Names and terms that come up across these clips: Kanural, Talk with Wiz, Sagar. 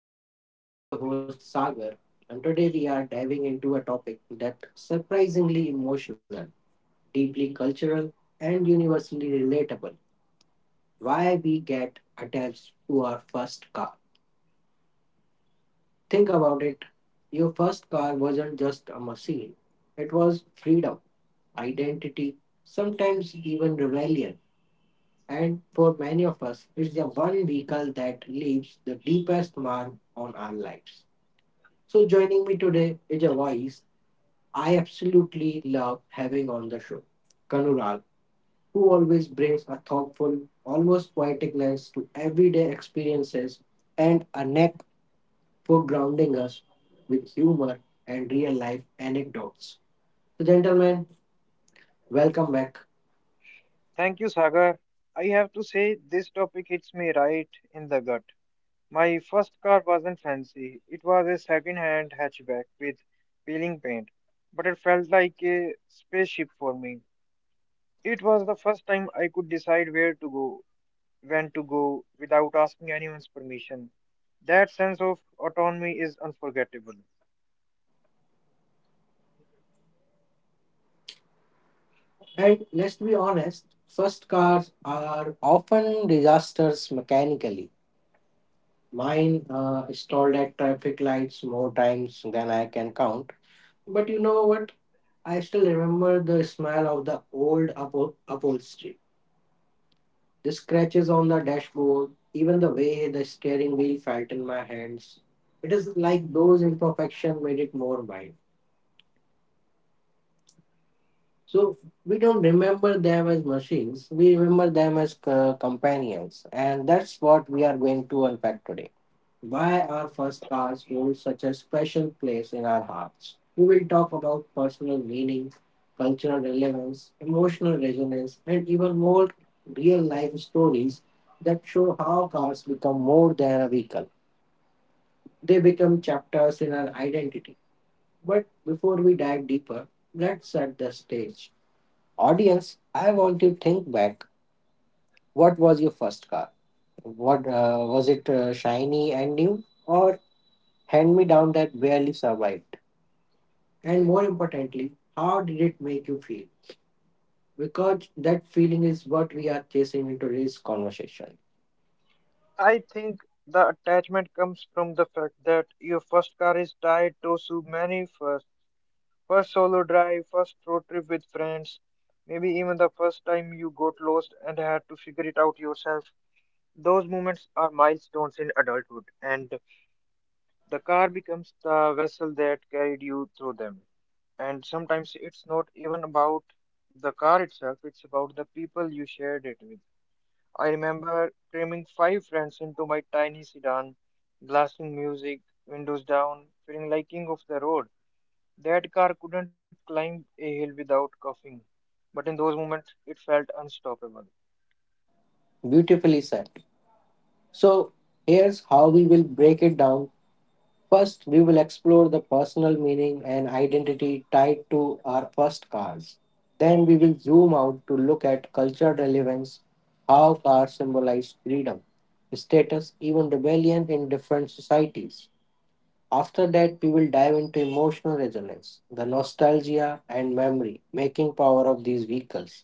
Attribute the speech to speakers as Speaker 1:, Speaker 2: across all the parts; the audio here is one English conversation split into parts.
Speaker 1: with Wiz. I'm your host Sagar, and today we are diving into a topic that's surprisingly emotional, deeply cultural, and universally relatable. Why we get attached to our first car. Think about it. Your first car wasn't just a machine, it was freedom, identity, sometimes even rebellion. And for many of us, it's the one vehicle that leaves the deepest mark on our lives. So joining me today is a voice I absolutely love having on the show, Kanural, who always brings a thoughtful, almost poetic lens to everyday experiences and a knack for grounding us with humor and real life anecdotes. So gentlemen, welcome back.
Speaker 2: Thank you, Sagar. I have to say, this topic hits me right in the gut. My first car wasn't fancy. It was a second-hand hatchback with peeling paint, but it felt like a spaceship for me. It was the first time I could decide where to go, when to go, without asking anyone's permission. That sense of autonomy is unforgettable.
Speaker 1: And let's be honest, first cars are often disasters mechanically. Mine stalled at traffic lights more times than I can count. But you know what? I still remember the smell of the old upholstery, the scratches on the dashboard, even the way the steering wheel felt in my hands. It is like those imperfections made it more mine. So we don't remember them as machines, we remember them as companions, and that's what we are going to unpack today. Why our first cars hold such a special place in our hearts. We will talk about personal meaning, cultural relevance, emotional resonance, and even more real life stories that show how cars become more than a vehicle. They become chapters in our identity. But before we dive deeper, let's set the stage. Audience, I want you to think back. What was your first car? What was it shiny and new or hand me down that barely survived? And more importantly, how did it make you feel? Because that feeling is what we are chasing in today's conversation.
Speaker 2: I think the attachment comes from the fact that your first car is tied to so many firsts. First solo drive, first road trip with friends, maybe even the first time you got lost and had to figure it out yourself. Those moments are milestones in adulthood, and the car becomes the vessel that carried you through them. And sometimes it's not even about the car itself, it's about the people you shared it with. I remember cramming five friends into my tiny sedan, blasting music, windows down, feeling like king of the road. That car couldn't climb a hill without coughing, but in those moments it felt unstoppable.
Speaker 1: Beautifully said. So, here's how we will break it down. First, we will explore the personal meaning and identity tied to our first cars. Then, we will zoom out to look at cultural relevance, how cars symbolize freedom, status, even rebellion in different societies. After that, we will dive into emotional resonance, the nostalgia and memory making power of these vehicles.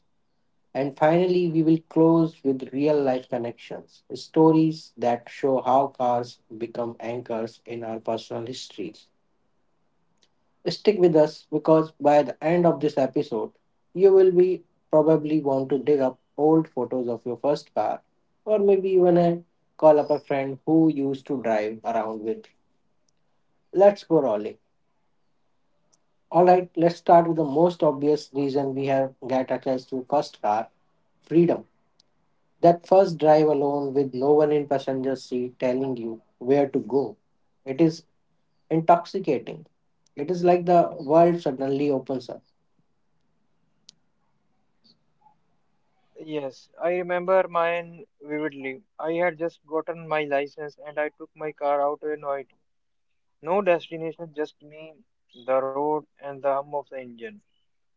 Speaker 1: And finally, we will close with real life connections, stories that show how cars become anchors in our personal histories. Stick with us because by the end of this episode, you will be probably want to dig up old photos of your first car or maybe even call up a friend who used to drive around with. You. Let's go rolling. All right, let's start with the most obvious reason we have get access to first car, freedom. That first drive alone with no one in passenger seat telling you where to go. It is intoxicating. It is like the world suddenly opens up.
Speaker 2: Yes, I remember mine vividly. I had just gotten my license and I took my car out at night. No destination, just me, the road, and the hum of the engine.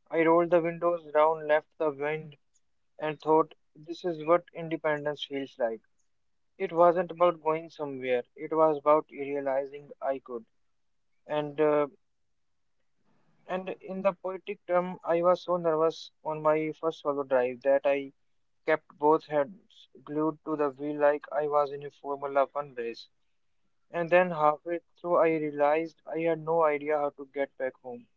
Speaker 2: I rolled the windows down, left the wind, and thought, this is what independence feels like. It wasn't about going somewhere, it was about realizing I could. And uh, And in the poetic term, I was so nervous on my first solo drive that I kept both hands glued to the wheel like I was in a Formula One race. And then halfway through, I realized I had no idea how to get back home.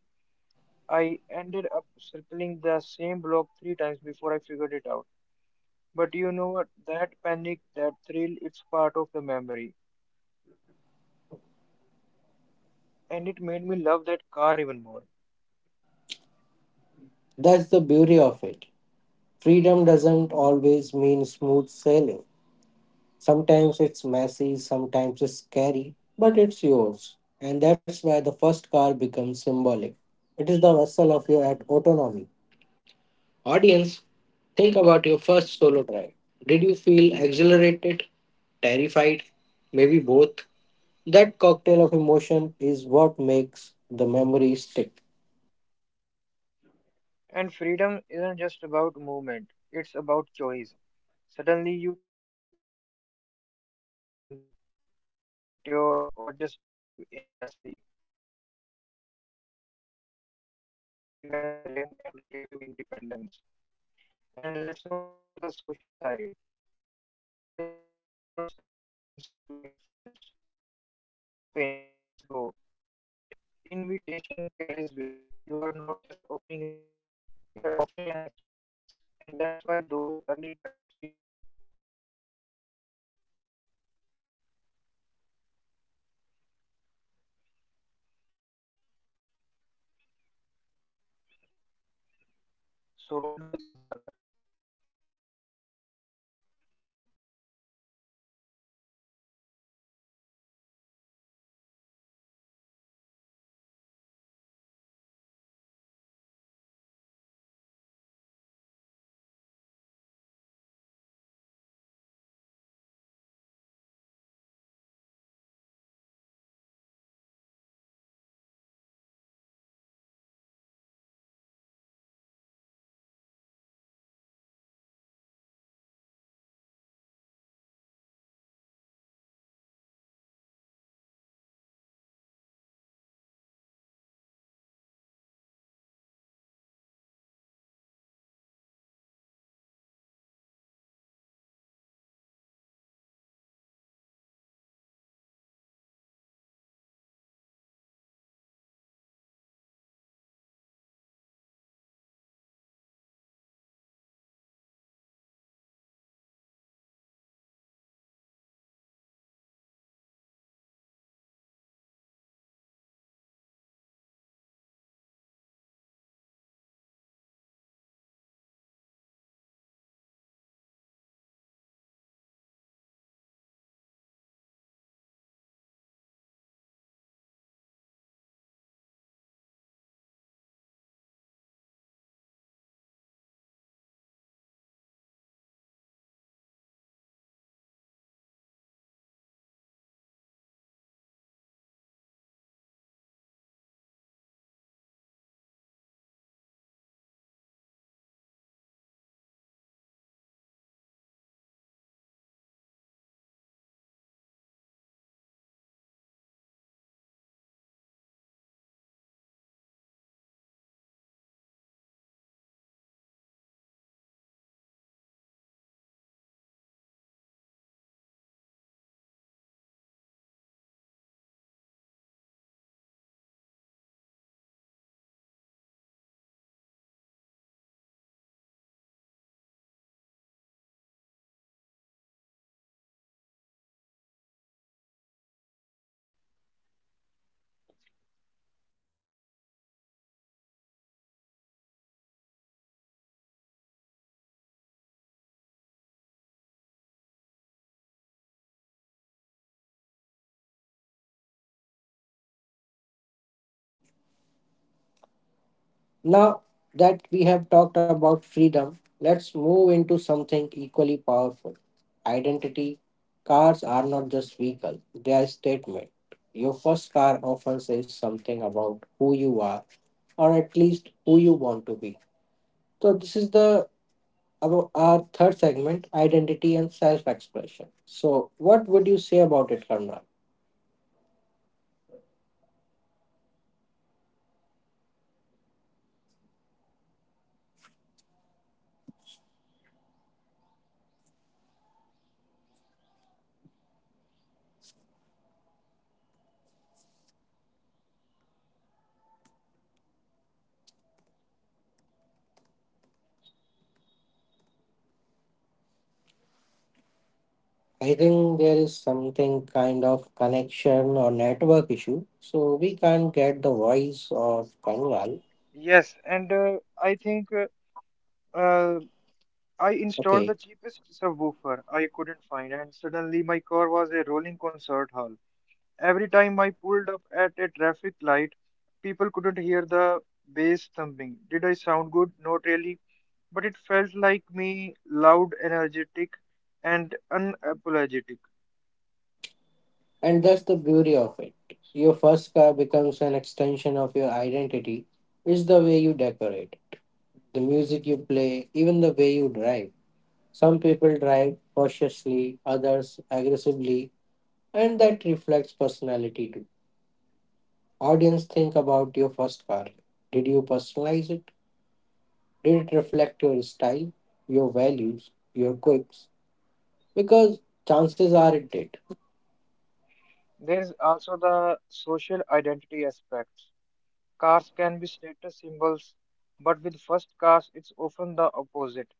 Speaker 2: I ended up circling the same block three times before I figured it out. But you know what? That panic, that thrill, it's part of the memory. And it made me love that car even more.
Speaker 1: That's the beauty of it. Freedom doesn't always mean smooth sailing. Sometimes it's messy, sometimes it's scary, but it's yours. And that's why the first car becomes symbolic. It is the vessel of your autonomy. Audience, think about your first solo drive. Did you feel exhilarated, terrified, maybe both? That cocktail of emotion is what makes the memory stick.
Speaker 2: And freedom isn't just about movement, it's about choice. Suddenly, you can decide to visit a friend, take a detour, or just drive aimlessly. That sense of agency is powerful, especially when you are young and craving independence. And let's not forget the social side. Your first car is often the first time you can say to your friends, hop in, let's go. That invitation carries weight. You are not just offering a ride, you are offering an experience. And that's why those early drives feel so monumental. So, what do you think, Sagar? So Sagar, what do you think? And sometimes choice championships, it all coverage in the first car, and once you have tasted it, you never forget. That's why years later, even when you are driving something far more advanced, you still look back at the first car with affection. It wasn't about horsepower or features, it was about the feeling of possibility. And I think that's why we get attached. It's not rational, it's emotional. The car becomes a symbol of that first taste of freedom. And samples are hard to let go it. And I would say my first car broke down constantly, but I wouldn't trade those memories for anything, because in that car I felt free, even if I was stuck on the side of the road waiting for a machine. And that's the paradox. The car that gave us freedom also gave us challenges, because those challenges made the freedom sweeter. And in our next segment, we will talk about how castes become extension of identity, how they reflect who we are or who we want to be.
Speaker 1: Now that we have talked about freedom, let's move into something equally powerful identity. Cars are not just vehicles, they are statement. Your first car often says something about who you are, or at least who you want to be. So this is the about our third segment, identity and self expression. So, what would you say about it, Karna? I think there is something kind of connection or network issue. So, we can't get the voice of Kangal.
Speaker 3: Yes, and uh, I installed
Speaker 1: Okay.
Speaker 3: the cheapest subwoofer I couldn't find, and suddenly my car was a rolling concert hall. Every time I pulled up at a traffic light, people couldn't hear the bass thumping. Did I sound good? Not really, but it felt like me, loud, energetic, and unapologetic.
Speaker 1: And that's the beauty of it. Your first car becomes an extension of your identity, it's the way you decorate, the music you play, even the way you drive. Some people drive cautiously, others aggressively, and that reflects personality too. Audience, think about your first car. Did you personalize it? Did it reflect your style, your values, your quirks? Because chances are it did.
Speaker 3: There's also the social identity aspect. Cars can be status symbols, but with first cars, it's often the opposite.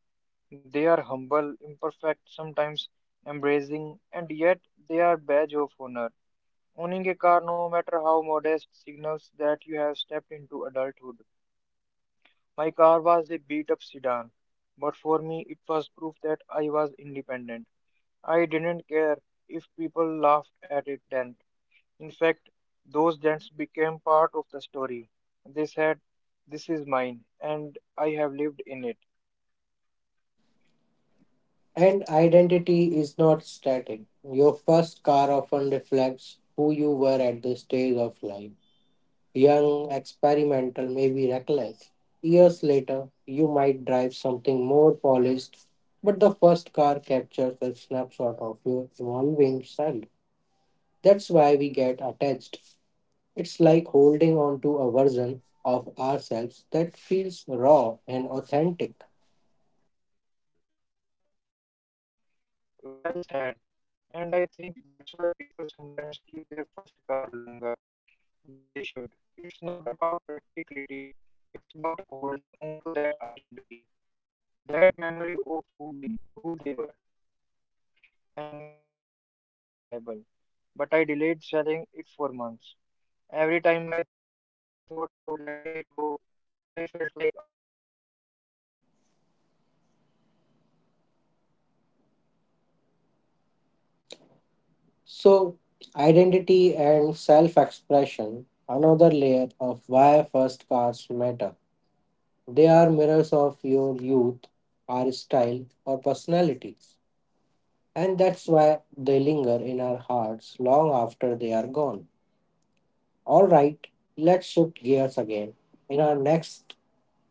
Speaker 3: They are humble, imperfect, sometimes embracing, and yet they are badge of honor. Owning a car, no matter how modest, signals that you have stepped into adulthood. My car was a beat-up sedan, but for me, it was proof that I was independent. I didn't care if people laughed at it then. In fact, those dents became part of the story. They said, this is mine, and I have lived in it.
Speaker 1: And identity is not static. Your first car often reflects who you were at this stage of life. Young, experimental, maybe reckless. Years later, you might drive something more polished, but the first car captures a snapshot of your evolving self. That's why we get attached. It's like holding on to a version of ourselves that feels raw and authentic.
Speaker 3: Well said. And I think that's why people sometimes keep their first car longer than they should. It's not about practicality, it's about holding on to that identity, that memory of who they were. And my car eventually became unreliable, but I delayed selling it for months. Every time I thought about letting it go, I felt like I was erasing a part of myself.
Speaker 1: So, identity and self expression, another layer of why first cars matter. They are mirrors of your youth, our style, or personalities, and that's why they linger in our hearts long after they are gone. Alright, let's shift gears again. In our next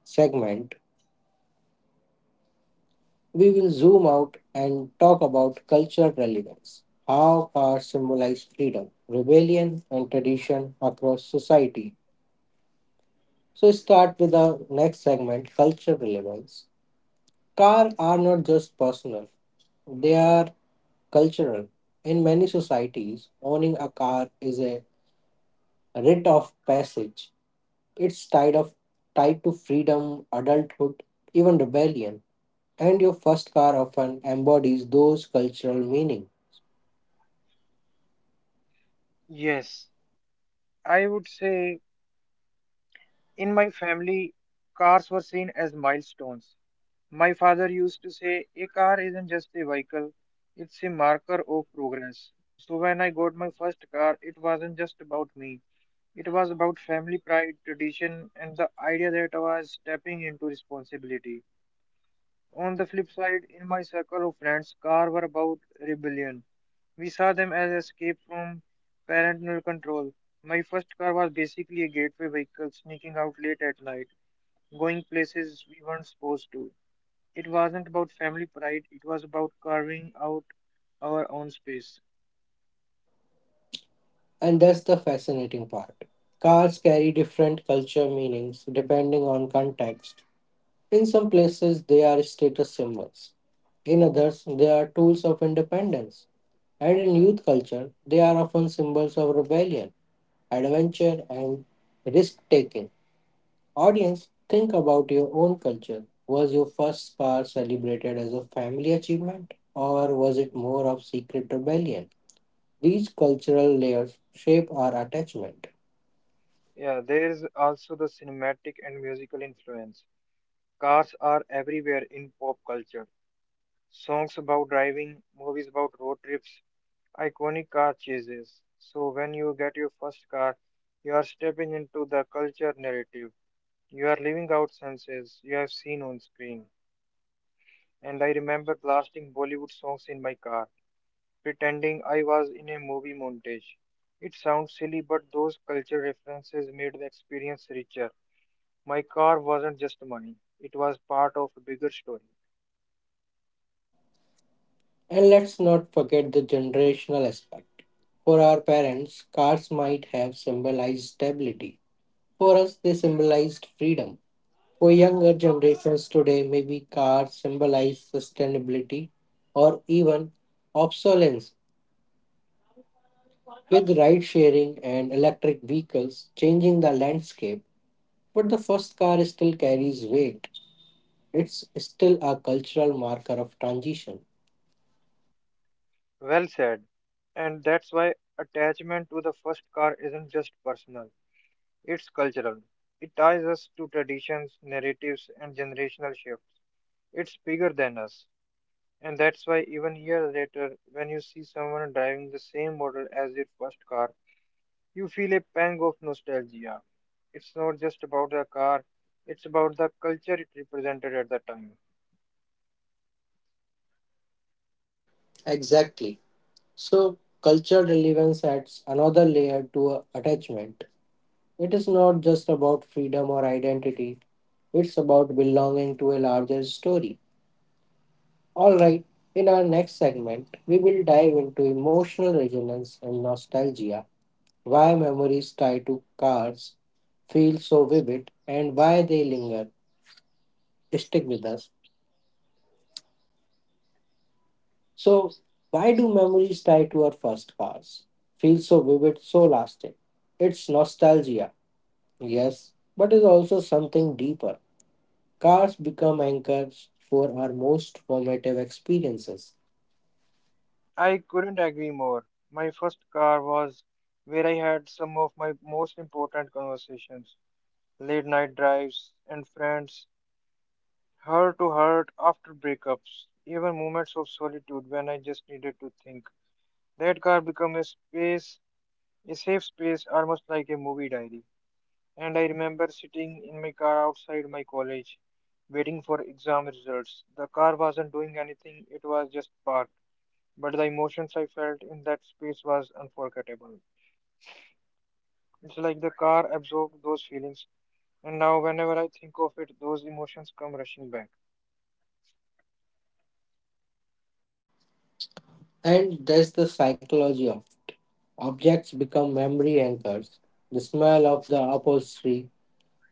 Speaker 1: segment, we will zoom out and talk about cultural relevance, how cars symbolize freedom, rebellion, and tradition across society. So, start with the next segment cultural relevance. Cars are not just personal, they are cultural. In many societies, owning a car is a rite of passage. It's tied to freedom, adulthood, even rebellion. And your first car often embodies those cultural meanings.
Speaker 4: Yes, I would say in my family, cars were seen as milestones. My father used to say, a car isn't just a vehicle, it's a marker of progress. So when I got my first car, it wasn't just about me. It was about family pride, tradition, and the idea that I was stepping into responsibility. On the flip side, in my circle of friends, cars were about rebellion. We saw them as escape from parental control. My first car was basically a gateway vehicle sneaking out late at night, going places we weren't supposed to. It wasn't about family pride, it was about carving out our own space.
Speaker 1: And that's the fascinating part. Cars carry different culture meanings depending on context. In some places, they are status symbols. In others, they are tools of independence. And in youth culture, they are often symbols of rebellion, adventure, and risk taking. Audience, think about your own culture. Was your first car celebrated as a family achievement, or was it more of secret rebellion? These cultural layers shape our attachment.
Speaker 4: Yeah, there is also the cinematic and musical influence. Cars are everywhere in pop culture. Songs about driving, movies about road trips, iconic car chases. So when you get your first car, you are stepping into the culture narrative. You are living out senses you have seen on screen. And I remember blasting Bollywood songs in my car, pretending I was in a movie montage. It sounds silly, but those culture references made the experience richer. My car wasn't just money, it was part of a bigger story.
Speaker 1: And let's not forget the generational aspect. For our parents, cars might have symbolized stability. For us, they symbolized freedom. For younger generations today, maybe cars symbolize sustainability or even obsolescence. With ride sharing and electric vehicles changing the landscape, but the first car still carries weight. It's still a cultural marker of transition.
Speaker 4: Well said. And that's why attachment to the first car isn't just personal. It's cultural. It ties us to traditions, narratives, and generational shifts. It's bigger than us. And that's why, even years later, when you see someone driving the same model as their first car, you feel a pang of nostalgia. It's not just about the car, it's about the culture it represented at the time.
Speaker 1: Exactly. So, culture relevance adds another layer to attachment. It is not just about freedom or identity, it's about belonging to a larger story. Alright, in our next segment, we will dive into emotional resonance and nostalgia, why memories tied to cars feel so vivid, and why they linger, stick with us. So, why do memories tied to our first cars feel so vivid, so lasting? It's nostalgia. Yes, but is also something deeper. Cars become anchors for our most formative experiences.
Speaker 4: I couldn't agree more. My first car was where I had some of my most important conversations, late night drives, and friends. Heart to heart after breakups, even moments of solitude when I just needed to think. That car became a space, a safe space, almost like a movie diary. And I remember sitting in my car outside my college, waiting for exam results. The car wasn't doing anything, it was just parked. But the emotions I felt in that space was unforgettable. It's like the car absorbed those feelings, and now whenever I think of it, those emotions come rushing back.
Speaker 1: And there's the psychology of objects become memory anchors. The smell of the upholstery,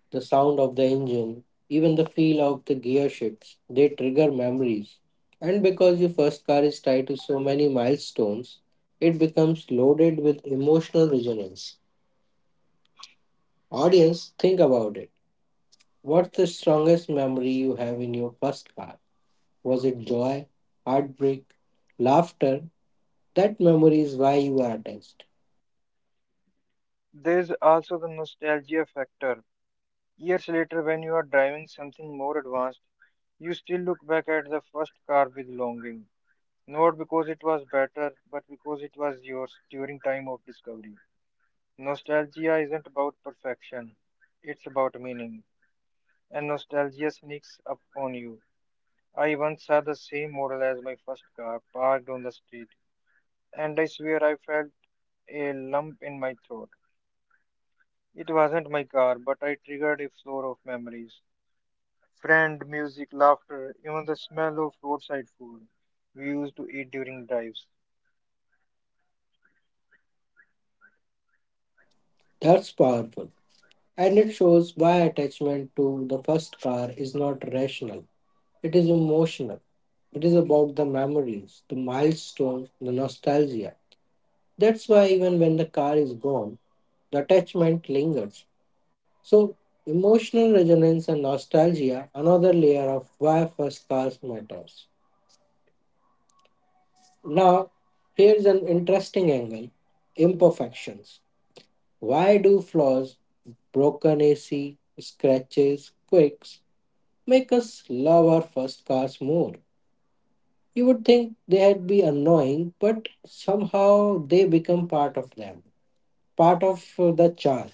Speaker 1: the sound of the engine, even the feel of the gear shifts, they trigger memories. And because your first car is tied to so many milestones, it becomes loaded with emotional resonance. Audience, think about it. What's the strongest memory you have in your first car? Was it joy, heartbreak, laughter? That memory is why you are attached.
Speaker 4: There's also the nostalgia factor. Years later, when you are driving something more advanced, you still look back at the first car with longing. Not because it was better, but because it was yours during time of discovery. Nostalgia isn't about perfection, it's about meaning. And nostalgia sneaks up on you. I once saw the same model as my first car parked on the street, and I swear I felt a lump in my throat. It wasn't my car, but I triggered a floor of memories. Friend, music, laughter, even the smell of roadside food we used to eat during drives.
Speaker 1: That's powerful. And it shows why attachment to the first car is not rational, it is emotional. It is about the memories, the milestones, the nostalgia. That's why even when the car is gone, the attachment lingers. So, emotional resonance and nostalgia, another layer of why first cars matters. Now, here's an interesting angle imperfections. Why do flaws, broken AC, scratches, quirks make us love our first cars more? You would think they'd be annoying, but somehow they become part of them, part of the charm.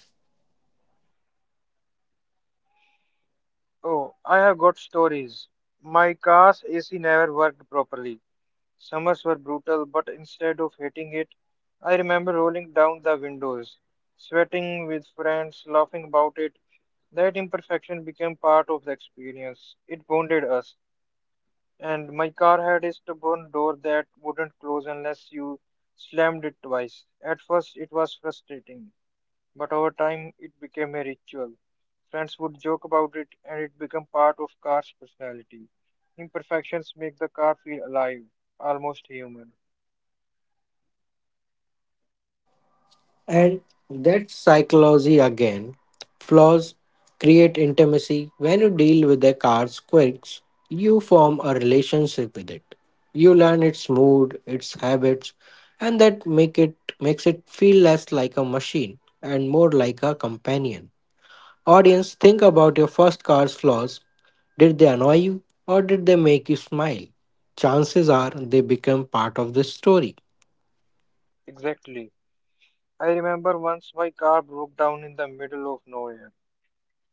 Speaker 4: Oh, I have got stories. My car's AC never worked properly. Summers were brutal, but instead of hating it, I remember rolling down the windows, sweating with friends, laughing about it. That imperfection became part of the experience. It bonded us. And my car had a stubborn door that wouldn't close unless you slammed it twice. At first, it was frustrating, but over time, it became a ritual. Friends would joke about it, and it became part of car's personality. Imperfections make the car feel alive, almost human.
Speaker 1: And that psychology again. Flaws create intimacy. When you deal with a car's quirks, you form a relationship with it. You learn its mood, its habits, and that makes it feel less like a machine and more like a companion. Audience, think about your first car's flaws. Did they annoy you or did they make you smile? Chances are they become part of the story.
Speaker 4: Exactly. I remember once my car broke down in the middle of nowhere.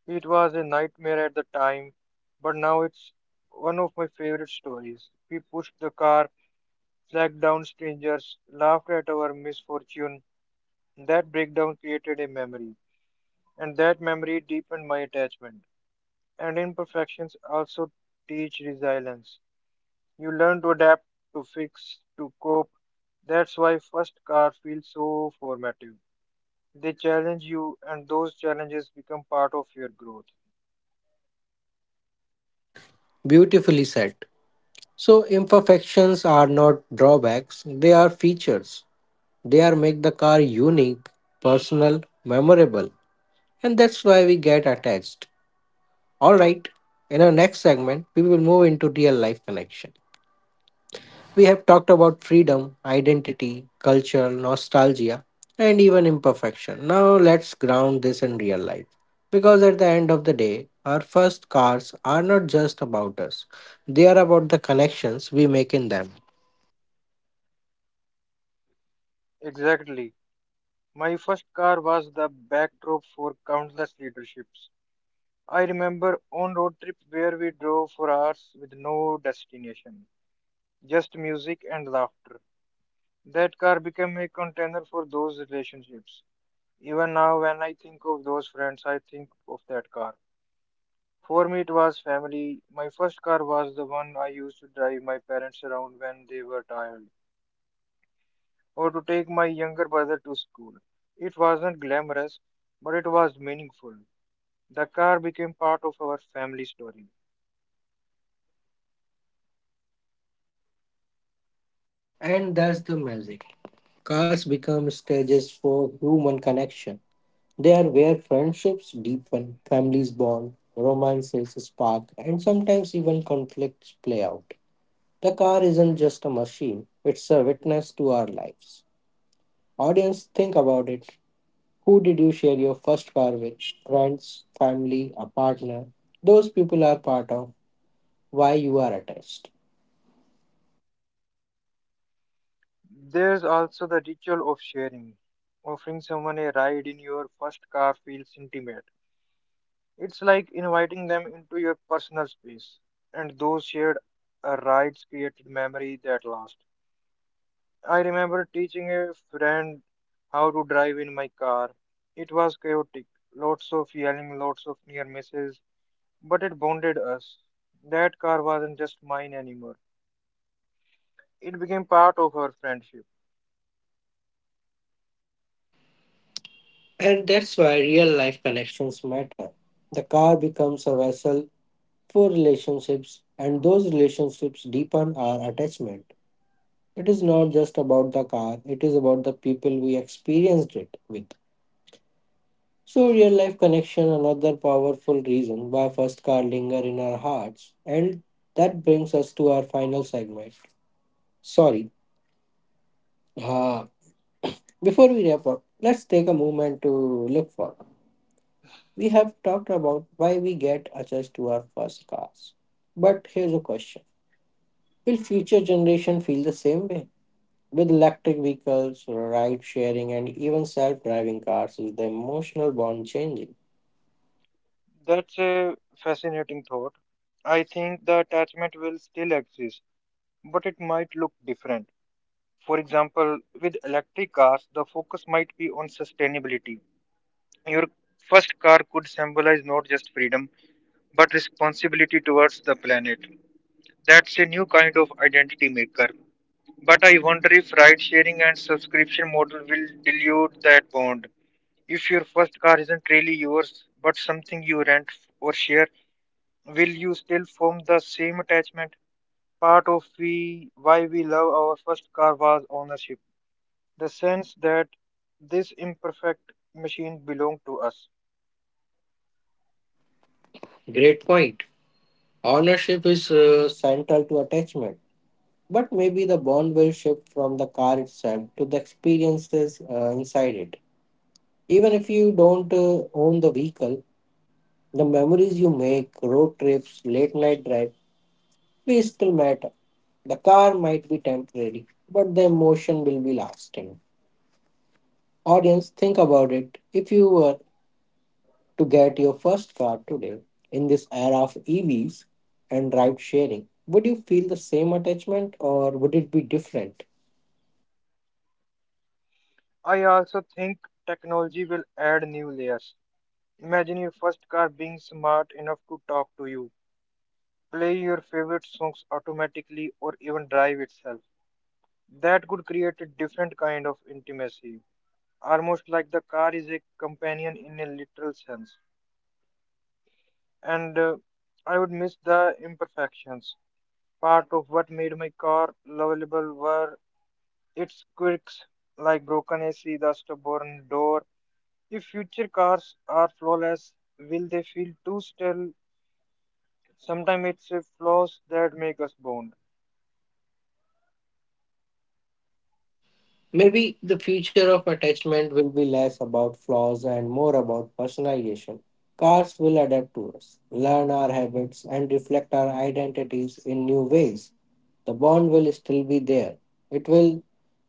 Speaker 4: It was a nightmare at the time, but now it's one of my favorite stories. We pushed the car, flagged down strangers, laughed at our misfortune. That breakdown created a memory, and that memory deepened my attachment. And imperfections also teach resilience. You learn to adapt, to fix, to cope. That's why first car feels so formative. They challenge you, and those challenges become part of your growth.
Speaker 1: Beautifully said. So imperfections are not drawbacks, they are features. They are make the car unique, personal, memorable, and that's why we get attached. All right, in our next segment, we will move into real life connection. We have talked about freedom, identity, culture, nostalgia, and even imperfection. Now let's ground this in real life. Because at the end of the day, our first cars are not just about us, they are about the connections we make in them.
Speaker 4: Exactly. My first car was the backdrop for countless leaderships. I remember on road trip where we drove for hours with no destination, just music and laughter. That car became a container for those relationships. Even now, when I think of those friends, I think of that car. For me, it was family. My first car was the one I used to drive my parents around when they were tired, or to take my younger brother to school. It wasn't glamorous, but it was meaningful. The car became part of our family story.
Speaker 1: And that's the magic. Cars become stages for human connection. They are where friendships deepen, families bond, romances spark, and sometimes even conflicts play out. The car isn't just a machine, it's a witness to our lives. Audience, think about it. Who did you share your first car with? Friends, family, a partner? Those people are part of why you are attached.
Speaker 4: There's also the ritual of sharing. Offering someone a ride in your first car feels intimate. It's like inviting them into your personal space, and those shared rides created memory that last. I remember teaching a friend how to drive in my car. It was chaotic, lots of yelling, lots of near misses, but it bonded us. That car wasn't just mine anymore, it became part of our friendship.
Speaker 1: And that's why real life connections matter. The car becomes a vessel for relationships, and those relationships deepen our attachment. It is not just about the car, it is about the people we experienced it with. So, real life connection, another powerful reason why first car linger in our hearts, and that brings us to our final segment. Sorry, uh, before we wrap up, let's take a moment to look forward. We have talked about why we get attached to our first cars, but here's a question: Will future generation feel the same way? With electric vehicles, ride sharing, and even self driving cars, is the emotional bond changing?
Speaker 4: That's a fascinating thought. I think the attachment will still exist, but it might look different. For example, with electric cars, the focus might be on sustainability. Your first car could symbolize not just freedom, but responsibility towards the planet. That's a new kind of identity maker. But I wonder if ride sharing and subscription model will dilute that bond. If your first car isn't really yours, but something you rent or share, will you still form the same attachment? Why we love our first car was ownership. The sense that this imperfect machine belong to us.
Speaker 1: Great point. Ownership is central to attachment, but maybe the bond will shift from the car itself to the experiences inside it. Even if you don't own the vehicle, the memories you make, road trips, late night drive, they still matter. The car might be temporary, but the emotion will be lasting. Audience, think about it. If you were to get your first car today in this era of EVs and ride sharing, would you feel the same attachment or would it be different?
Speaker 4: I also think technology will add new layers. Imagine your first car being smart enough to talk to you, play your favorite songs automatically, or even drive itself. That could create a different kind of intimacy, almost like the car is a companion in a literal sense. And I would miss the imperfections. Part of what made my car lovable were it squeaks like broken AC, the stubborn door. If future cars are flawless, will they feel too stale? Sometimes it's the flaws that make us bond.
Speaker 1: Maybe the future of attachment will be less about flaws and more about personalization. Cars will adapt to us, learn our habits, and reflect our identities in new ways. The bond will still be there, it will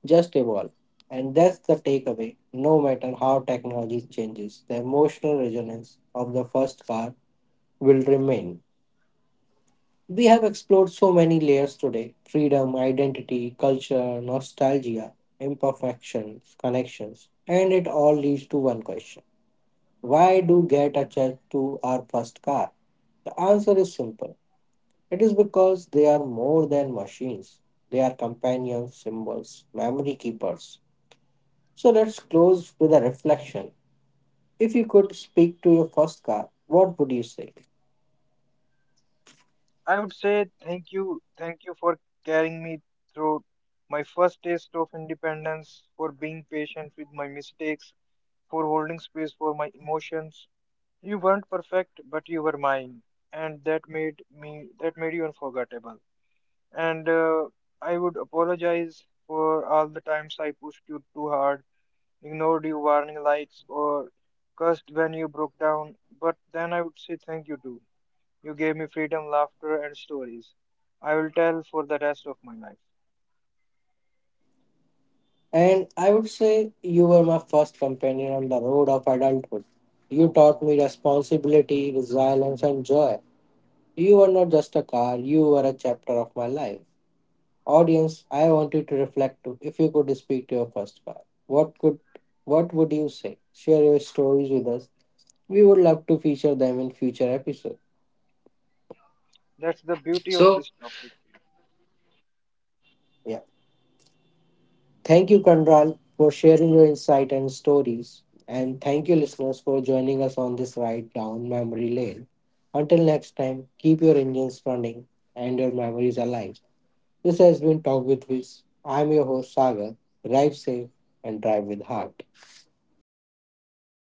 Speaker 1: just evolve. And that's the takeaway. No matter how technology changes, the emotional resonance of the first car will remain. We have explored so many layers today freedom, identity, culture, nostalgia, imperfections, connections, and it all leads to one question. Why do get attached to our first car? The answer is simple, it is because they are more than machines, they are companions, symbols, memory keepers. So let's close with a reflection. If you could speak to your first car, what would you say?
Speaker 4: I would say thank you for carrying me through my first taste of independence, for being patient with my mistakes, for holding space for my emotions. You weren't perfect, but you were mine, and that made you unforgettable. And I would apologize for all the times I pushed you too hard, ignored your warning lights, or cursed when you broke down. But then I would say thank you too. You gave me freedom, laughter, and stories. I will tell for the rest of my life.
Speaker 1: And I would say you were my first companion on the road of adulthood. You taught me responsibility, resilience, and joy. You were not just a car, you were a chapter of my life. Audience, I want you to reflect too. If you could speak to your first car, what could what would you say? Share your stories with us. We would love to feature them in future episodes.
Speaker 4: That's the beauty of
Speaker 1: So,
Speaker 4: this topic.
Speaker 1: yeah. Thank you, Kanral, for sharing your insight and stories. And thank you, listeners, for joining us on this ride down memory lane. Until next time, keep your engines running and your memories alive. This has been Talk with Wiz. I'm your host, Sagar. Drive safe and drive with heart.